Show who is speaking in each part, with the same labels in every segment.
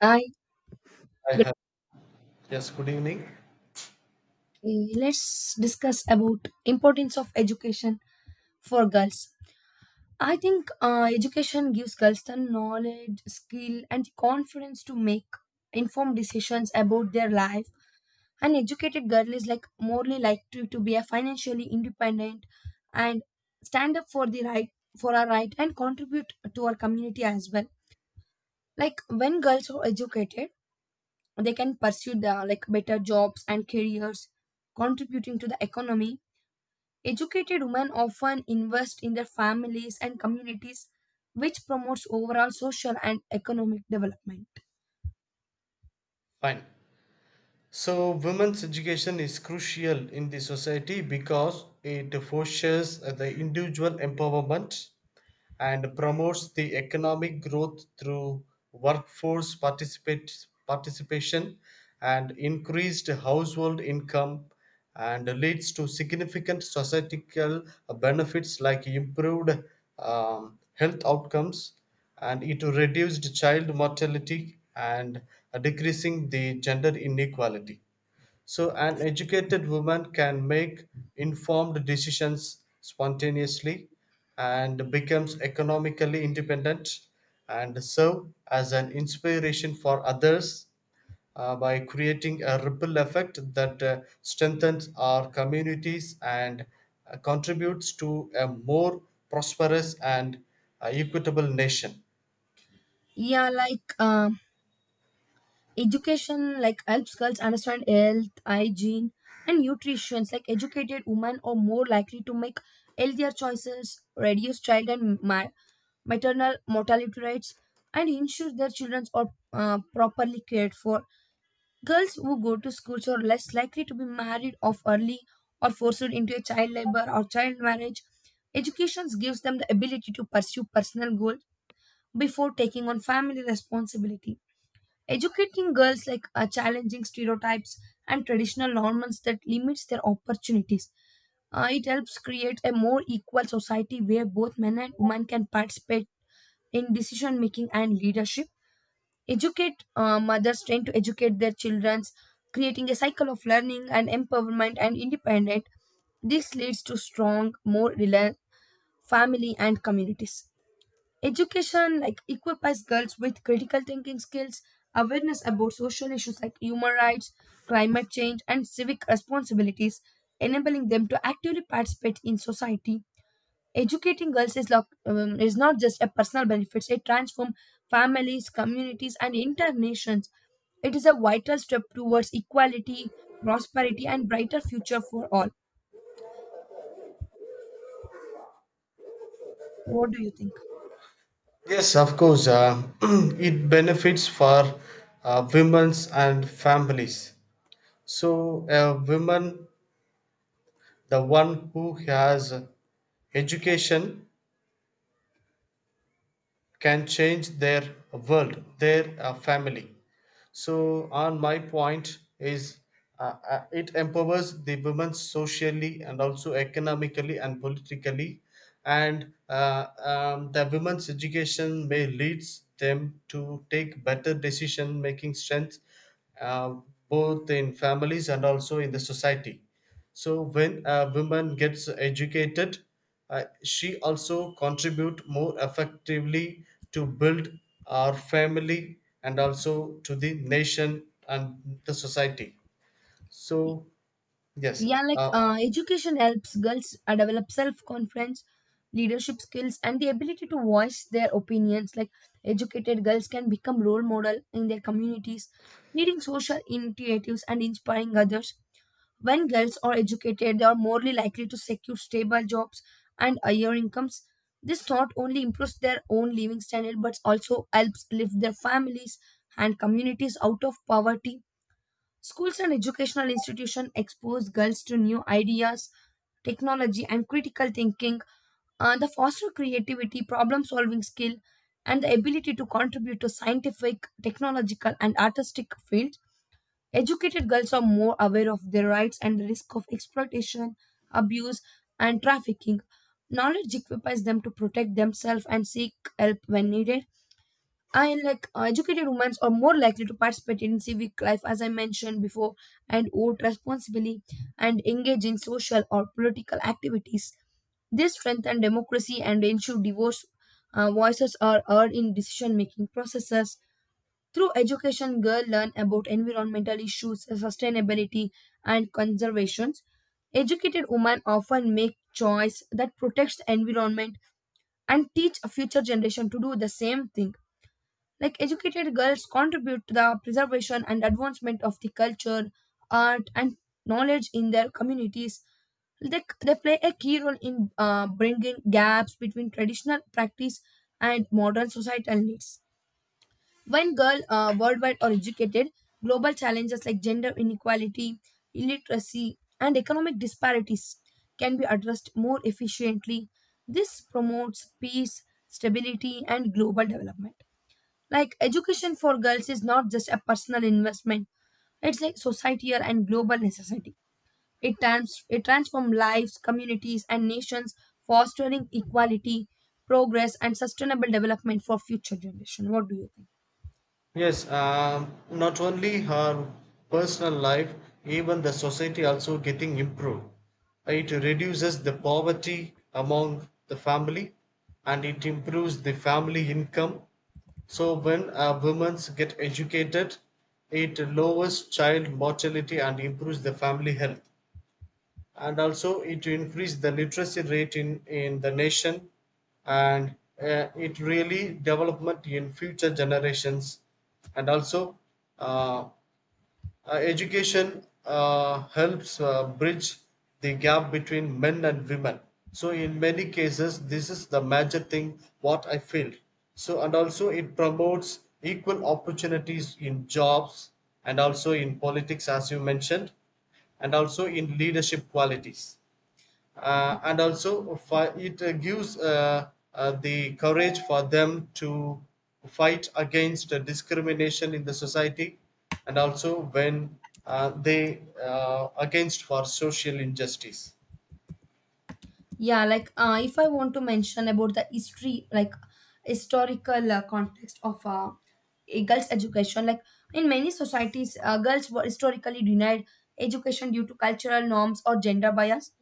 Speaker 1: I
Speaker 2: I have. Yes, good evening.
Speaker 1: let's discuss about importance of education for girls. I think education gives girls the knowledge, skill, and the confidence to make informed decisions about their life. An educated girl is like morely likely to be a financially independent and stand up for the right for our right and contribute to our community as well. Like when girls are educated they can pursue the like better jobs and careers contributing to the economy educated women often invest in their families and communities which promotes overall social and economic development.
Speaker 2: Fine. So, women's education is crucial in the society because it fosters the individual empowerment and promotes the economic growth through workforce participation and increased household income and leads to significant societal benefits like improved health outcomes, and it reduced child mortality and decreasing the gender inequality. So, an educated woman can make informed decisions spontaneously and becomes economically independent and serve as an inspiration for others by creating a ripple effect that strengthens our communities and contributes to a more prosperous and equitable nation.
Speaker 1: Yeah, like education like helps girls understand health hygiene and nutrition, like educated women are more likely to make healthier choices, reduce child and maternal mortality rates and ensure their children are properly cared for. Girls who go to schools are less likely to be married off early or forced into a child labor or child marriage. Education gives them the ability to pursue personal goals before taking on family responsibility. Educating girls like challenging stereotypes and traditional norms that limits their opportunities. It helps create a more equal society where both men and women can participate in decision making and leadership. Educate mothers trying to educate their childrens, creating a cycle of learning and empowerment and independence. This leads to strong more reliant family and communities. Education like equips girls with critical thinking skills, awareness about social issues like human rights, climate change and civic responsibilities, enabling them to actively participate in society. Educating girls is, is not just a personal benefit, it transforms families, communities, and entire nations. It is a vital step towards equality, prosperity, and brighter future for all. What do you think?
Speaker 2: Yes, of course, it benefits for women's and families. So a woman, the one who has education, can change their world, their family. So on my point is, it empowers the women socially and also economically and politically, and the women's education may leads them to take better decision making strength, uh, both in families and also in the society. So when a woman gets educated, she also contribute more effectively to build our family and also to the nation and the society. So,
Speaker 1: Y-
Speaker 2: yes.
Speaker 1: Yeah, like
Speaker 2: uh,
Speaker 1: education helps girls develop self confidence, leadership skills, and the ability to voice their opinions. Like educated girls can become role model in their communities, leading social initiatives and inspiring others. When girls are educated, they are more likely to secure stable jobs and higher incomes. This not only improves their own living standard but also helps lift their families and communities out of poverty. Schools and educational institutions expose girls to new ideas, technology, and critical thinking, the foster creativity, problem solving skill, and the ability to contribute to scientific, technological, and artistic field. Educated girls are more aware of their rights and the risk of exploitation, abuse, and trafficking. Knowledge equips them to protect themselves and seek help when needed. And like educated women are more likely to participate in civic life, as I mentioned before, and vote responsibly and engage in social or political activities. This strengthen democracy and ensure diverse voices are heard in decision making processes. Through education, girls learn about environmental issues, sustainability, and conservations. Educated women often make choice that protects the environment and teach a future generation to do the same thing. Like educated girls contribute to the preservation and advancement of the culture, art, and knowledge in their communities. They play a key role in bringing gaps between traditional practice and modern societal needs. When girls worldwide are educated, global challenges like gender inequality, illiteracy, and economic disparities can be addressed more efficiently. This promotes peace, stability, and global development. Like education for girls is not just a personal investment; it's like societal and global necessity. It transforms lives, communities, and nations, fostering equality, progress, and sustainable development for future generation. What do you think?
Speaker 2: Yes, not only her personal life, even the society also getting improved. It reduces the poverty among the family and it improves the family income. So when women get educated, it lowers child mortality and improves the family health, and also it increased the literacy rate in the nation, and it really development in future generations, and also uh, education helps bridge the gap between men and women. So in many cases, this is the major thing what I feel. So and also it promotes equal opportunities in jobs and also in politics, as you mentioned, and also in leadership qualities, and also it gives the courage for them to fight against discrimination in the society, and also when they against for social injustice.
Speaker 1: Yeah, like if I want to mention about the history, like historical context of a girls' education, like in many societies, girls were historically denied education due to cultural norms or gender bias.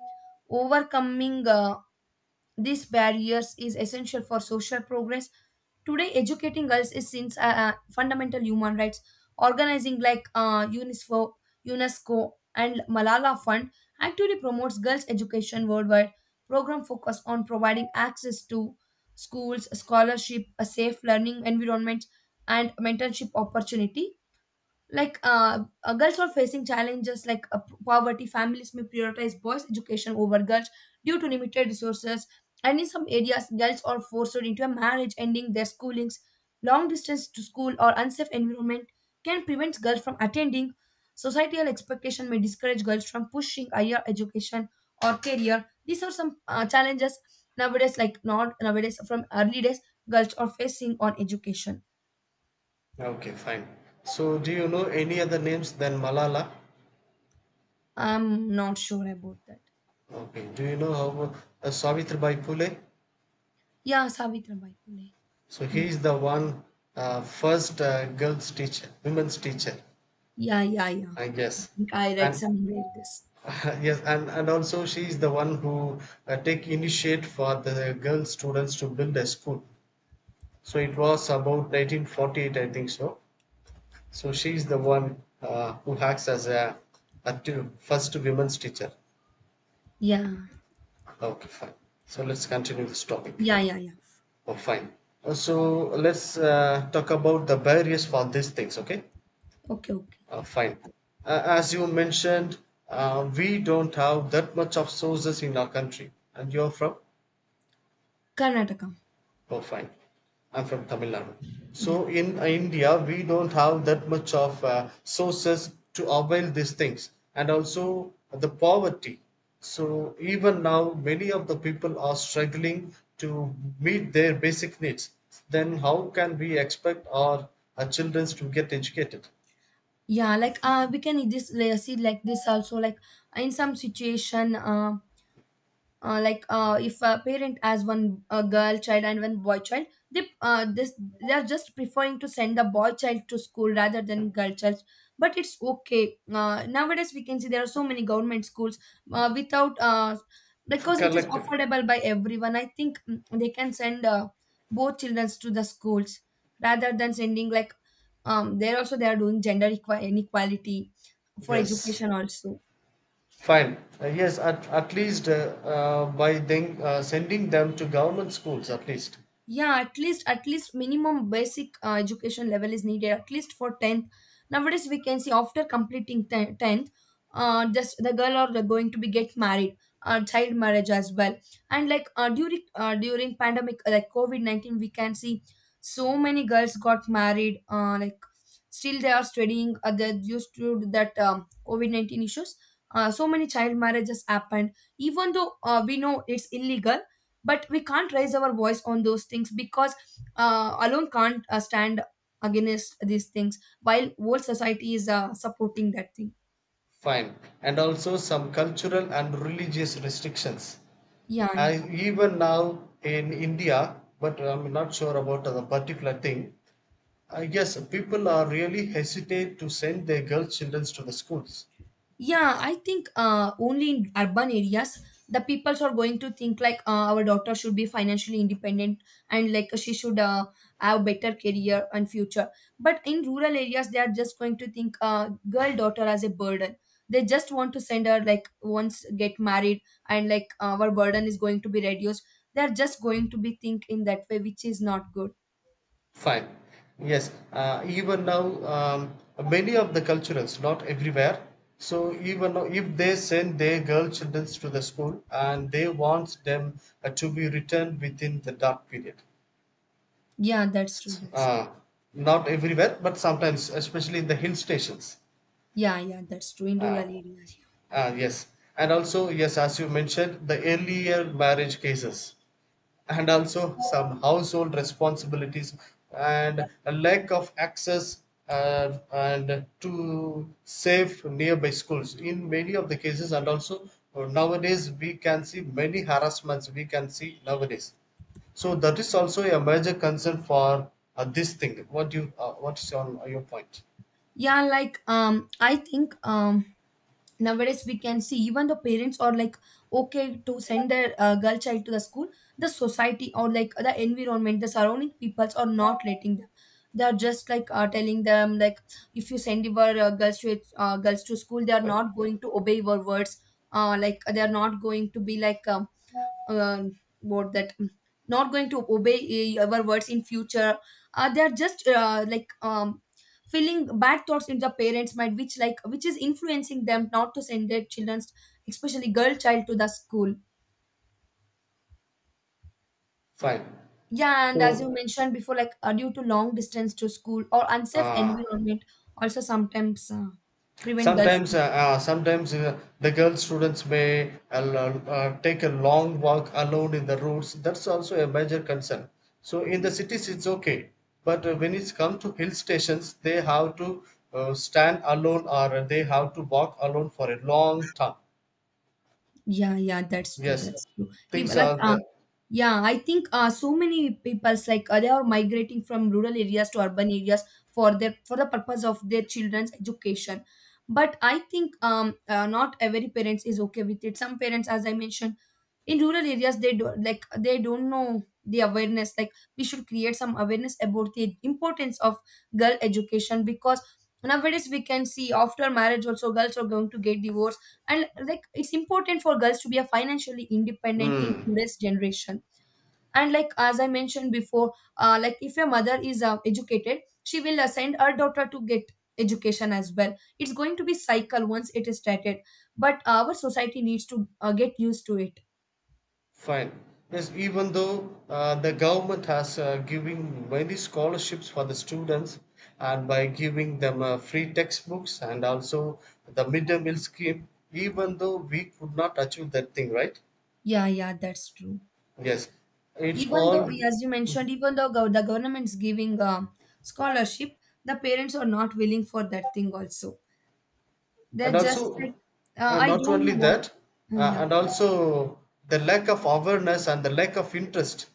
Speaker 1: Overcoming these barriers is essential for social progress. Today, educating girls is since fundamental human rights. Organizing like UNESCO, UNESCO and Malala Fund actively promotes girls' education worldwide. Program focus on providing access to schools, scholarship, a safe learning environment, and mentorship opportunity, like girls are facing challenges like poverty, families may prioritize boys education over girls due to limited resources, and in some areas girls are forced into a marriage ending their schoolings, long distance to school or unsafe environment can prevent girls from attending, societal expectation may discourage girls from pushing higher education or career. These are some challenges nowadays, like not nowadays, from early days girls are facing on education.
Speaker 2: Okay, fine. So do you know any other names than Malala?
Speaker 1: I'm not sure about that.
Speaker 2: Okay, do you know how Savitribai Phule?
Speaker 1: Yeah, Savitribai Phule.
Speaker 2: So he
Speaker 1: Yeah,
Speaker 2: is the one, first, girls teacher, women's teacher,
Speaker 1: yeah, yeah, yeah.
Speaker 2: I
Speaker 1: I
Speaker 2: guess.
Speaker 1: think I read
Speaker 2: And
Speaker 1: somewhere this.
Speaker 2: yes, and also she is the one who take initiate for the girl students to build a school. So it was about 1948, I think so. So she is the one, who acts as a first women's teacher.
Speaker 1: Yeah,
Speaker 2: Okay, fine. So let's continue this topic.
Speaker 1: yeah, yeah, yeah.
Speaker 2: Oh, fine. So let's talk about the barriers for these things. Okay,
Speaker 1: Okay, okay.
Speaker 2: fine. As you mentioned, we don't have that much of sources in our country, and you're from.
Speaker 1: Karnataka.
Speaker 2: Oh, fine. I'm from Tamil Nadu.
Speaker 1: Yeah,
Speaker 2: So in India, we don't have that much of sources to avail these things, and also the poverty. So even now, many of the people are struggling to meet their basic needs. Then how can we expect our children to get educated?
Speaker 1: yeah. Like we can this see like this also. Like in some situation, like if a parent has one girl child and one boy child, they this they are just preferring to send the boy child to school rather than girl child. But it's okay, nowadays we can see there are so many government schools, without because it is
Speaker 2: Collective.
Speaker 1: affordable by everyone, I think. Mm, they can send both children to the schools rather than sending like there also they are doing gender inequality for
Speaker 2: Yes,
Speaker 1: education also.
Speaker 2: fine. Yes, at least by then sending them to government schools, at least.
Speaker 1: Yeah, at least, at least minimum basic education level is needed, at least for 10th. Nowadays we can see after completing 10th, just the girl or the going to be get married, child marriage as well. And like during pandemic, like covid-19 we can see so many girls got married, like still they are studying, they used to that covid-19 issues, so many child marriages happened. Even though we know it's illegal, but we can't raise our voice on those things because alone can't stand against these things while whole society is supporting that thing.
Speaker 2: Fine, and also some cultural and religious restrictions.
Speaker 1: Yeah, yeah.
Speaker 2: I, even now in India, but I'm not sure about the particular thing, I guess people are really hesitate to send their girl children to the schools.
Speaker 1: Yeah, I think only in urban areas the peoples are going to think like our daughter should be financially independent and like she should have better career and future. But in rural areas, they are just going to think girl daughter as a burden. They just want to send her like once get married and like our burden is going to be reduced. They are just going to be think in that way, which is not good.
Speaker 2: Fine, yes. Even now, um, many of the cultures, not everywhere. So even though if they send their girl children to the school, and they want them to be returned within the dark period.
Speaker 1: Yeah, that's true. That's true.
Speaker 2: Uh, Not everywhere, but sometimes, especially in the hill stations.
Speaker 1: Yeah, yeah, that's true in rural
Speaker 2: Uh,
Speaker 1: areas.
Speaker 2: yes. And also, yes, as you mentioned, the earlier marriage cases, and also some household responsibilities, and a lack of access, and to safe nearby schools in many of the cases, and also nowadays we can see many harassments, we can see nowadays, so that is also a major concern for this thing. What what is your point?
Speaker 1: Yeah, like I think nowadays we can see even the parents are like okay to send their girl child to the school, the society or like the environment the surrounding peoples are not letting them. They are just like telling them like, if you send your girls to school they are not going to obey your words. Like they are not going to be like uh, what that mm, not going to obey our words in future. They are just filling bad thoughts in the parents mind, which like which is influencing them not to send their children, especially girl child, to the school.
Speaker 2: Fine.
Speaker 1: Yeah,
Speaker 2: So
Speaker 1: and as you mentioned before, like due to long distance to school or unsafe
Speaker 2: uh,
Speaker 1: environment also sometimes prevent girls.
Speaker 2: sometimes, sometimes, the girl students may take a long walk alone in the roads. That's also a major concern. So in the cities, it's okay, but when it's come to hill stations, they have to stand alone, or they have to walk alone for a long time.
Speaker 1: Yeah, yeah, that's true.
Speaker 2: Yes,
Speaker 1: That's true. Even
Speaker 2: things
Speaker 1: like,
Speaker 2: are there.
Speaker 1: yeah, I think so many people's like they are migrating from rural areas to urban areas for their for the purpose of their children's education. But I think not every parents is okay with it. Some parents, as I mentioned, in rural areas they do like they don't know the awareness. Like we should create some awareness about the importance of girl education because nowadays we can see after marriage also girls are going to get divorced, and like it's important for girls to be a financially independent in
Speaker 2: Mm.
Speaker 1: today's generation. And like as I mentioned before, like if a mother is educated, she will send her daughter to get education as well. It's going to be cycle once it is started, but our society needs to get used to it.
Speaker 2: Fine. Yes, even though the government has giving many scholarships for the students, and by giving them free textbooks, and also the midday meal scheme, even though we could not achieve that thing, right?
Speaker 1: Yeah, yeah, that's true.
Speaker 2: Yes, it's
Speaker 1: Even though,
Speaker 2: all,
Speaker 1: as you mentioned, even though the government's giving a scholarship, the parents are not willing for that thing also. They're
Speaker 2: and
Speaker 1: just like,
Speaker 2: also, and
Speaker 1: I
Speaker 2: not
Speaker 1: don't
Speaker 2: only
Speaker 1: know. What?
Speaker 2: that,
Speaker 1: Uh, yeah.
Speaker 2: and also the lack of awareness and the lack of interest.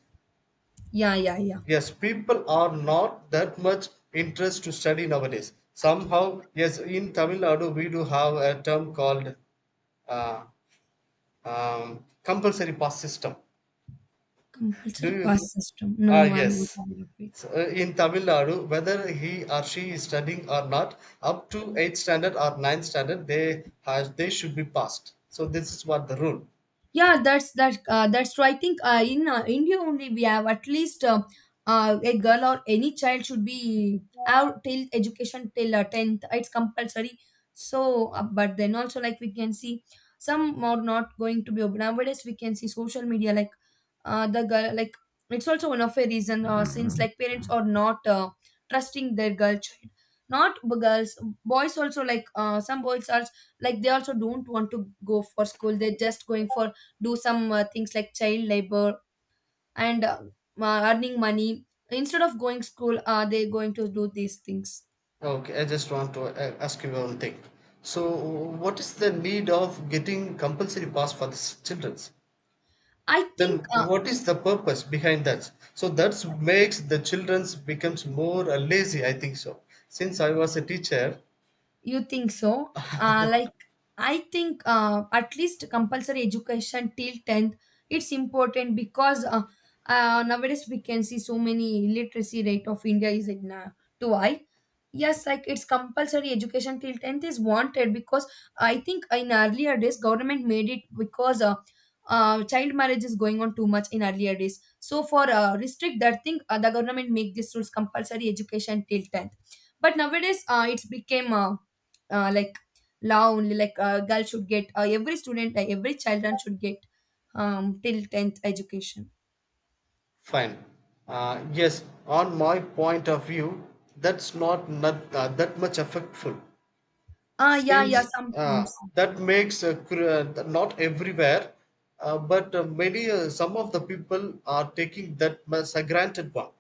Speaker 1: Yeah, yeah, yeah.
Speaker 2: Yes, people are not that much interest to study nowadays. Somehow, yes, in Tamil Nadu we do have a term called uh, compulsory pass system. Do
Speaker 1: Compulsory
Speaker 2: you?
Speaker 1: pass system. No,
Speaker 2: Ah,
Speaker 1: no, I'm not
Speaker 2: yes.
Speaker 1: aware of it.
Speaker 2: So, in Tamil Nadu, whether he or she is studying or not, up to eighth standard or ninth standard, they has they should be passed. So this is what the rule.
Speaker 1: Yeah, that's true. I think in India only we have at least a girl or any child should be out till education till 10th, it's compulsory. So but then also like we can see some are not going to be open. Nowadays we can see social media like the girl it's also one of a reason, since like parents are not trusting their girl child, not b- girls. Boys also, like some boys are like they also don't want to go for school, they're just going for do some things like child labor, and earning money instead of going school. Are they going to do these things?
Speaker 2: Okay, I just want to ask you one thing. So, what is the need of getting compulsory pass for the childrens?
Speaker 1: I think
Speaker 2: Then, what is the purpose behind that? So, that makes the childrens becomes more lazy, I think so. Since I was a teacher,
Speaker 1: You think so? I think, at least compulsory education till 10th, it's important because nowadays we can see so many literacy rate of India is in, too high. Yes, like it's compulsory education till 10th is wanted because I think in earlier days government made it because child marriage is going on too much in earlier days. So for, restrict that thing, the government make these rules compulsory education till 10th. But nowadays it's became, like law only, like girl should get, every student, every children should get till 10th education.
Speaker 2: fine. Yes, on my point of view, that's not that much effectful.
Speaker 1: Ah, yeah, yeah,
Speaker 2: Since
Speaker 1: sometimes.
Speaker 2: that makes not everywhere, but many, some of the people are taking that as a granted one,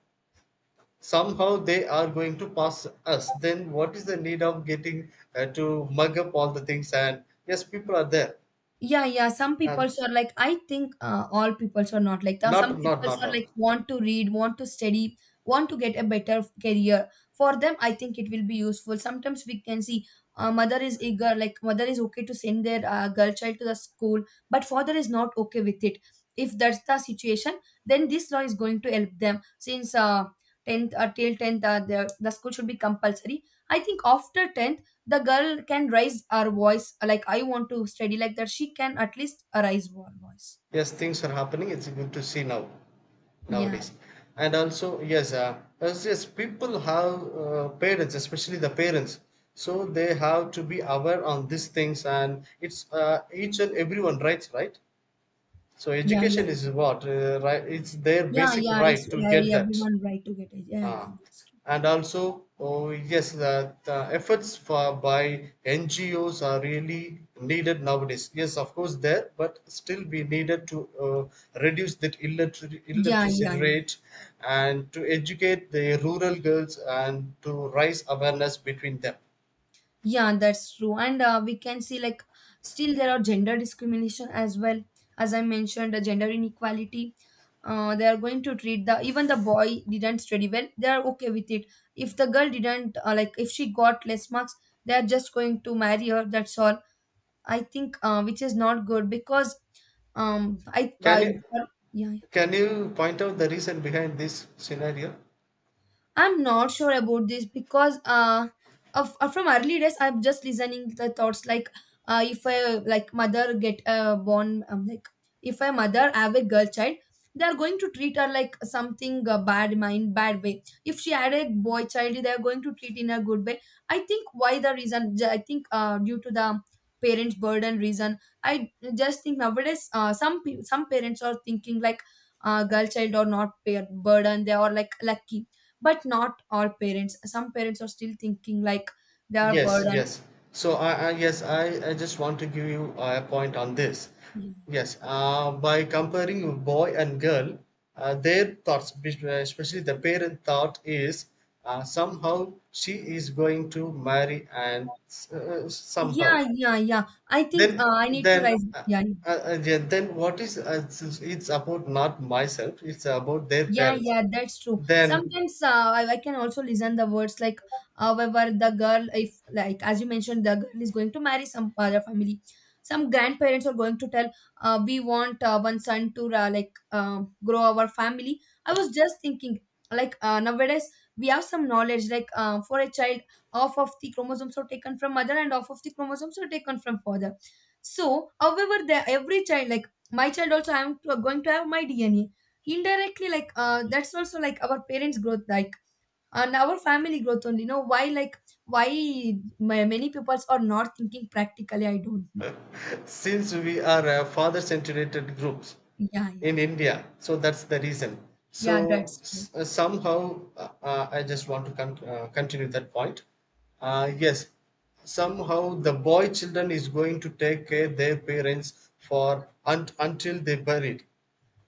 Speaker 2: somehow they are going to pass us. Then what is the need of getting to mug up all the things? And yes, people are there,
Speaker 1: Yeah, yeah. Some people
Speaker 2: and
Speaker 1: are like, I think, all people are not like that. Some
Speaker 2: not not
Speaker 1: people
Speaker 2: not
Speaker 1: are
Speaker 2: all.
Speaker 1: like, want to read, want to study, want to get a better career. For them, I think it will be useful. Sometimes we can see mother is eager, like mother is okay to send their girl child to the school, but father is not okay with it. If that's the situation, then this law is going to help them since, 10th, till 10th, the school should be compulsory. I think after 10th, the girl can raise her voice, like, I want to study, like that. She can at least raise her voice.
Speaker 2: Yes, things are happening, it's good to see now
Speaker 1: Yeah,
Speaker 2: nowadays. And also, yes, as yes, people have, parents, especially the parents, so they have to be aware on these things, and it's each and everyone rights, right? So
Speaker 1: yeah, yeah.
Speaker 2: education
Speaker 1: Yeah,
Speaker 2: is what, right, it's their
Speaker 1: yeah,
Speaker 2: basic
Speaker 1: yeah, it's
Speaker 2: right to
Speaker 1: yeah,
Speaker 2: get
Speaker 1: yeah,
Speaker 2: that.
Speaker 1: everyone right to get it, yeah, yeah,
Speaker 2: Ah,
Speaker 1: that's true.
Speaker 2: and also, oh yes, the efforts for by NGOs are really needed nowadays. Yes, of course, there, but still we needed to reduce that
Speaker 1: Yeah,
Speaker 2: illiteracy
Speaker 1: yeah, yeah.
Speaker 2: rate, and to educate the rural girls, and to raise awareness between them.
Speaker 1: Yeah, that's true, and we can see like still there are gender discrimination as well, as I mentioned, the gender inequality. They are going to treat the, even the boy didn't study well, they are okay with it. If the girl didn't, like if she got less marks, they are just going to marry her, that's all. I think, which is not good because
Speaker 2: Can
Speaker 1: I
Speaker 2: you
Speaker 1: yeah.
Speaker 2: can you point out the reason behind this scenario?
Speaker 1: I'm not sure about this because, from early days I'm just listening the thoughts, like if I, like, mother get, born, like if I mother have a girl child, they are going to treat her like something, bad mind, bad way. If she had a boy child, they are going to treat in a good way. I think why, the reason, I think, due to the parents burden reason, I just think nowadays, some parents are thinking like girl child or not pair burden, they are like lucky, but not all parents, some parents are still thinking like they are
Speaker 2: Yes,
Speaker 1: burden.
Speaker 2: yes. So I, yes, I just want to give you a point on this.
Speaker 1: Yeah,
Speaker 2: Yes, by comparing boy and girl, their thoughts, especially the parent thought, is, somehow she is going to marry, and
Speaker 1: yeah,
Speaker 2: somehow.
Speaker 1: yeah, yeah. I think
Speaker 2: Then,
Speaker 1: I need to
Speaker 2: then,
Speaker 1: rise. Yeah.
Speaker 2: yeah, then what is it's about not myself. It's about their
Speaker 1: Yeah,
Speaker 2: parents.
Speaker 1: yeah, that's true.
Speaker 2: Then,
Speaker 1: Sometimes, I can also listen the words like, however, the girl, if like as you mentioned, the girl is going to marry some other family. Some grandparents are going to tell, we want, one son to, grow our family. I was just thinking, like, nowadays we have some knowledge, like, for a child, half of the chromosomes are taken from mother and half of the chromosomes are taken from father. So however, the every child, like my child also, I am going to have my DNA indirectly, like that's also like our parents growth, like, and our family growth only, know why, like why my, many people are not thinking practically, I don't know.
Speaker 2: since we are a father centered groups
Speaker 1: Yeah,
Speaker 2: in
Speaker 1: yeah.
Speaker 2: India, so that's the reason.
Speaker 1: Yeah,
Speaker 2: So
Speaker 1: that's true.
Speaker 2: somehow, I just want to continue that point. Yes, somehow the boy children is going to take care their parents for until they buried.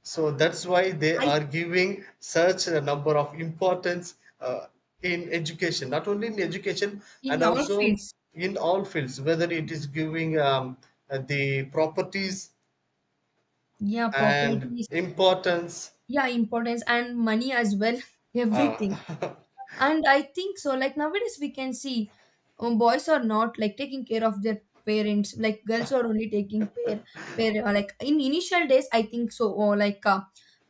Speaker 2: So that's why they
Speaker 1: I
Speaker 2: are giving such a number of importance in education, not only in education and
Speaker 1: in all
Speaker 2: also
Speaker 1: fields.
Speaker 2: in all fields, whether it is giving the properties
Speaker 1: Yeah,
Speaker 2: and
Speaker 1: properties.
Speaker 2: importance.
Speaker 1: Yeah, importance and money as well, everything.
Speaker 2: Uh,
Speaker 1: And I think so, like nowadays we can see boys are not like taking care of their parents, like girls are only taking care, pair, like in initial days, I think so, or like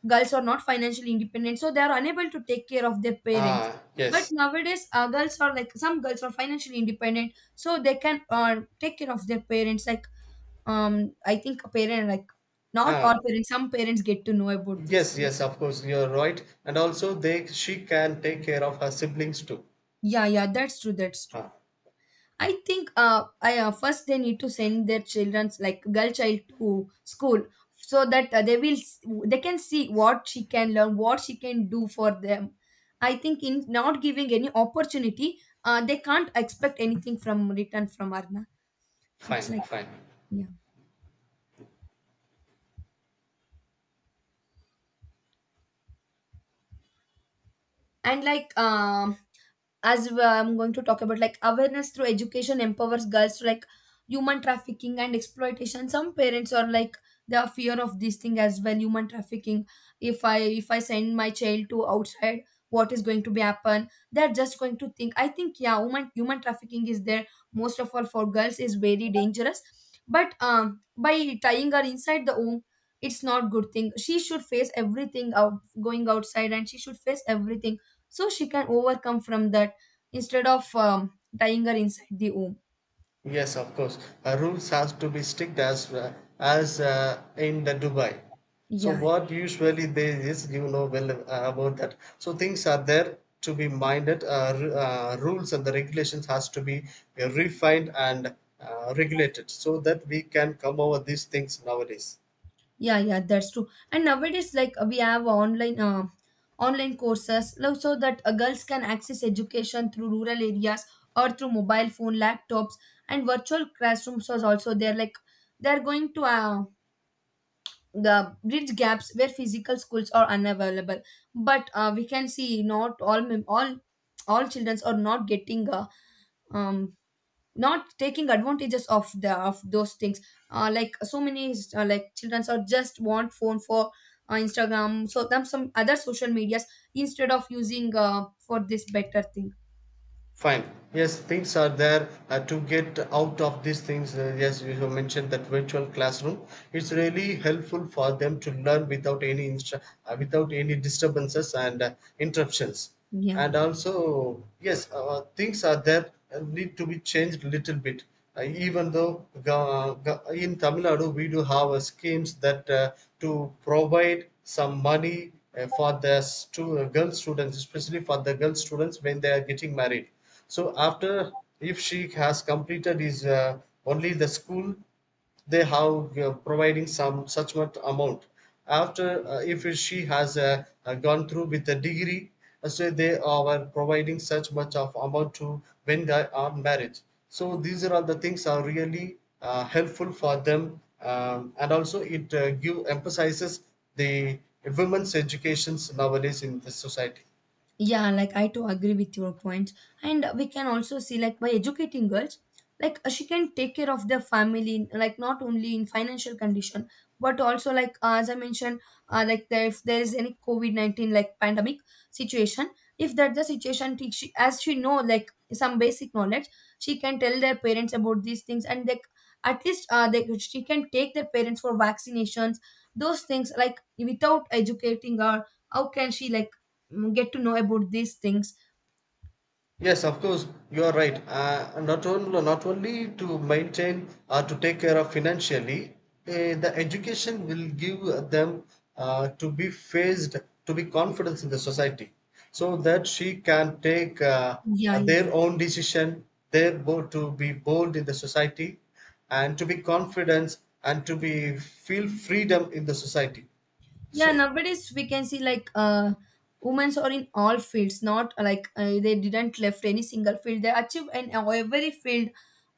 Speaker 1: girls are not financially independent, so they are unable to take care of their parents.
Speaker 2: ah,
Speaker 1: But
Speaker 2: yes.
Speaker 1: nowadays girls are like, some girls are financially independent, so they can, take care of their parents, like, I think a parent, like, not all
Speaker 2: Ah,
Speaker 1: parents, some parents get to know about this
Speaker 2: yes,
Speaker 1: thing.
Speaker 2: yes, of course, you're right. And also they she can take care of her siblings too.
Speaker 1: Yeah, yeah, that's true, that's true.
Speaker 2: Ah,
Speaker 1: I think, I first they need to send their children's, like girl child, to school, so that, they can see what she can learn, what she can do for them. I think in not giving any opportunity, they can't expect anything from return from Arna. It's
Speaker 2: fine,
Speaker 1: like,
Speaker 2: fine.
Speaker 1: yeah, and like I'm going to talk about like awareness through education empowers girls to, like, human trafficking and exploitation. Some parents are like, they are fear of this thing as well, human trafficking. If I send my child to outside, what is going to be happen, they're just going to think. I think, yeah, human trafficking is there, most of all for girls is very dangerous. But by tying her inside the womb, it's not good thing. She should face everything out, going outside, and she should face everything, so she can overcome from that, instead of tying her inside the home.
Speaker 2: Yes, of course. Rules has to be strict, as in the Dubai. So
Speaker 1: Yeah,
Speaker 2: what usually there is, you know well about that. So things are there to be minded. Rules and the regulations has to be refined and regulated, so that we can come over these things nowadays.
Speaker 1: yeah, yeah, that's true, and nowadays like we have online, online courses, like, so that girls can access education through rural areas or through mobile phone laptops, and virtual classrooms are also there, like they're going to, the bridge gaps where physical schools are unavailable. But we can see not all children are not getting, um, not taking advantages of the of those things. Like so many, like children are just want phone for Instagram so them some other social medias, instead of using for this better thing.
Speaker 2: Fine. Yes, things are there, to get out of these things. Yes, you have mentioned that virtual classroom. It's really helpful for them to learn without any without any disturbances and interruptions.
Speaker 1: Yeah.
Speaker 2: And also, yes, things are there, need to be changed a little bit. Even though, in Tamil Nadu we do have schemes that to provide some money for the girl students, especially for the girl students when they are getting married. So after, if she has completed is only the school, they have providing some such much amount. After, if she has gone through with the degree, so they are providing such much of amount to when they are married, so these are all the things are really helpful for them. And also it give emphasizes the women's educations nowadays in the society.
Speaker 1: Yeah, like I too agree with your points. And we can also see, like, by educating girls, like she can take care of their family, like not only in financial condition, but also like, as I mentioned, like there, if there is any COVID 19 like pandemic situation, if that the situation, she, as she know like some basic knowledge, she can tell their parents about these things, and they, at least, they she can take their parents for vaccinations. Those things, like, without educating her, how can she, like, get to know about these things?
Speaker 2: Yes, of course, you are right. Not only to maintain or to take care of financially, the education will give them, to be faced, to be confidence in the society, so that she can take
Speaker 1: Yeah, yeah,
Speaker 2: their
Speaker 1: yeah.
Speaker 2: own decision, their bo to be bold in the society, and to be confident, and to be feel freedom in the society.
Speaker 1: Yeah,
Speaker 2: So.
Speaker 1: nowadays we can see like women are in all fields, not like they didn't left any single field, they achieve in every field.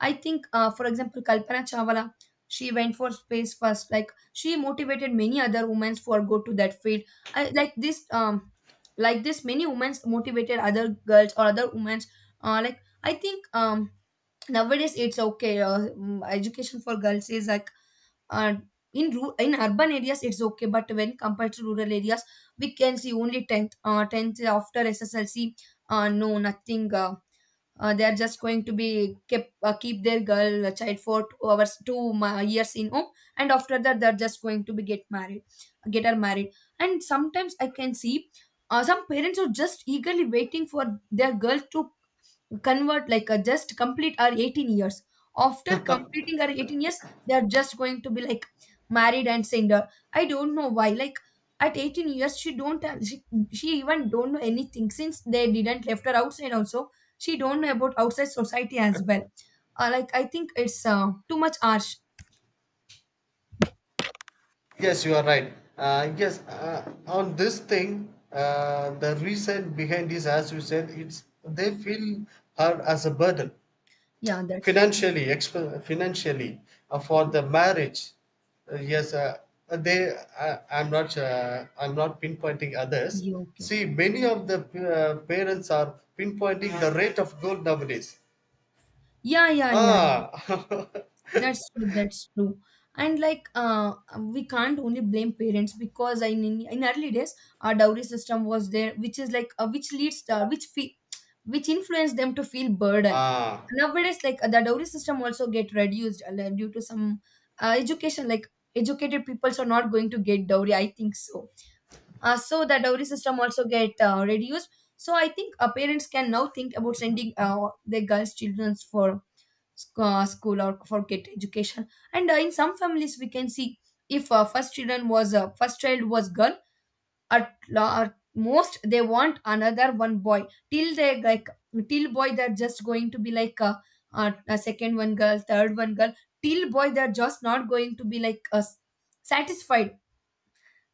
Speaker 1: I think, for example, Kalpana Chawla, she went for space first, like she motivated many other women for go to that field. I, like this many women motivated other girls or other women, like I think nowadays it's okay, education for girls is like uh, in in urban areas it's okay, but when compared to rural areas we can see only 10th, 10th after SSLC, no nothing, they are just going to be kept, keep their girl, child for 2 hours, years in home, and after that they're just going to be get married, get her married. And sometimes I can see some parents are just eagerly waiting for their girl to convert, like just complete our 18 years. After completing our 18 years, they are just going to be like married and single. I don't know why, like at 18 years, she don't have, she even don't know anything since they didn't left her outside also, she don't know about outside society as well. Like I think it's too much harsh.
Speaker 2: Yes, you are right. Yes, on this thing, the reason behind this, as you said, it's they feel her as a burden
Speaker 1: Yeah, that's.
Speaker 2: financially, financially, for the marriage. Yes, they. I'm not. I'm not pinpointing others.
Speaker 1: Yeah, okay,
Speaker 2: See,
Speaker 1: okay.
Speaker 2: many of the parents are pinpointing the rate of gold nowadays.
Speaker 1: Yeah, yeah, yeah. Yeah.
Speaker 2: Ah,
Speaker 1: That's true, that's true. And like, we can't only blame parents because in early days our dowry system was there, which is like, which which influenced them to feel burden.
Speaker 2: ah.
Speaker 1: Nowadays, like the dowry system also get reduced, like, due to some education. Like educated peoples are not going to get dowry, I think so. So the dowry system also get reduced. So I think, parents can now think about sending, their girls' children for, school or for get education. And in some families we can see, if first child was girl, at, at most they want another one boy. Till they like, till boy they're just going to be like, a second one girl, third one girl, till boy they're just not going to be like satisfied,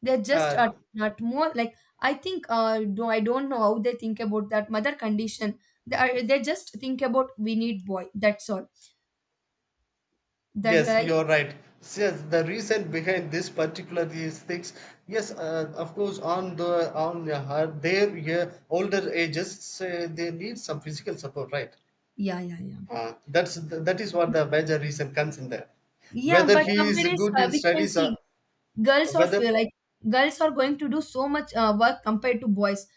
Speaker 1: they're just
Speaker 2: Uh,
Speaker 1: not more, like I think do I don't know how they think about that mother condition. They, are, they just think about we need boy, that's all, that
Speaker 2: Yes,
Speaker 1: I.
Speaker 2: you're right. Yes, the reason behind this particular these things, yes, of course, on their, yeah, older ages, they need some physical support, right?
Speaker 1: Yeah, yeah, yeah.
Speaker 2: That is what the major reason comes in there.
Speaker 1: Yeah,
Speaker 2: Whether
Speaker 1: but
Speaker 2: he is
Speaker 1: nowadays
Speaker 2: good in
Speaker 1: we can
Speaker 2: studies,
Speaker 1: see
Speaker 2: or
Speaker 1: girls are feel
Speaker 2: whether,
Speaker 1: like girls are going to do so much work compared to boys.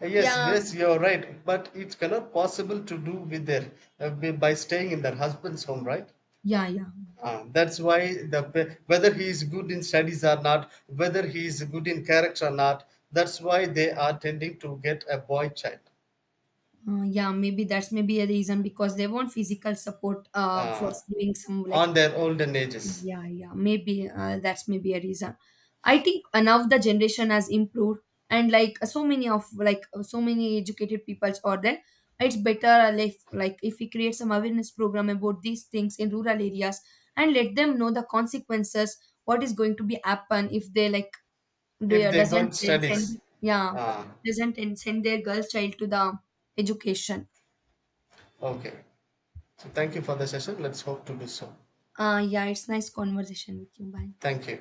Speaker 2: yes,
Speaker 1: Yeah,
Speaker 2: yes, you're right, but it cannot possible to do with their, by staying in their husband's home, right?
Speaker 1: yeah, yeah.
Speaker 2: Ah, that's why the whether he is good in studies or not, whether he is good in character or not, that's why they are tending to get a boy child
Speaker 1: Yeah, maybe that's maybe a reason because they want physical support, for
Speaker 2: uh,
Speaker 1: doing some like.
Speaker 2: on their olden ages,
Speaker 1: Yeah, yeah, maybe that's maybe a reason. I think now the generation has improved, and like so many of, like so many educated peoples are there. It's better if like, if we create some awareness program about these things in rural areas, and let them know the consequences, what is going to be happen if they like do
Speaker 2: if they
Speaker 1: doesn't
Speaker 2: got studies.
Speaker 1: send, yeah,
Speaker 2: Uh,
Speaker 1: doesn't send their girl child to the education.
Speaker 2: okay. So thank you for the session. Let's hope to do so.
Speaker 1: Yeah, it's nice conversation with you. Bye.
Speaker 2: Thank you.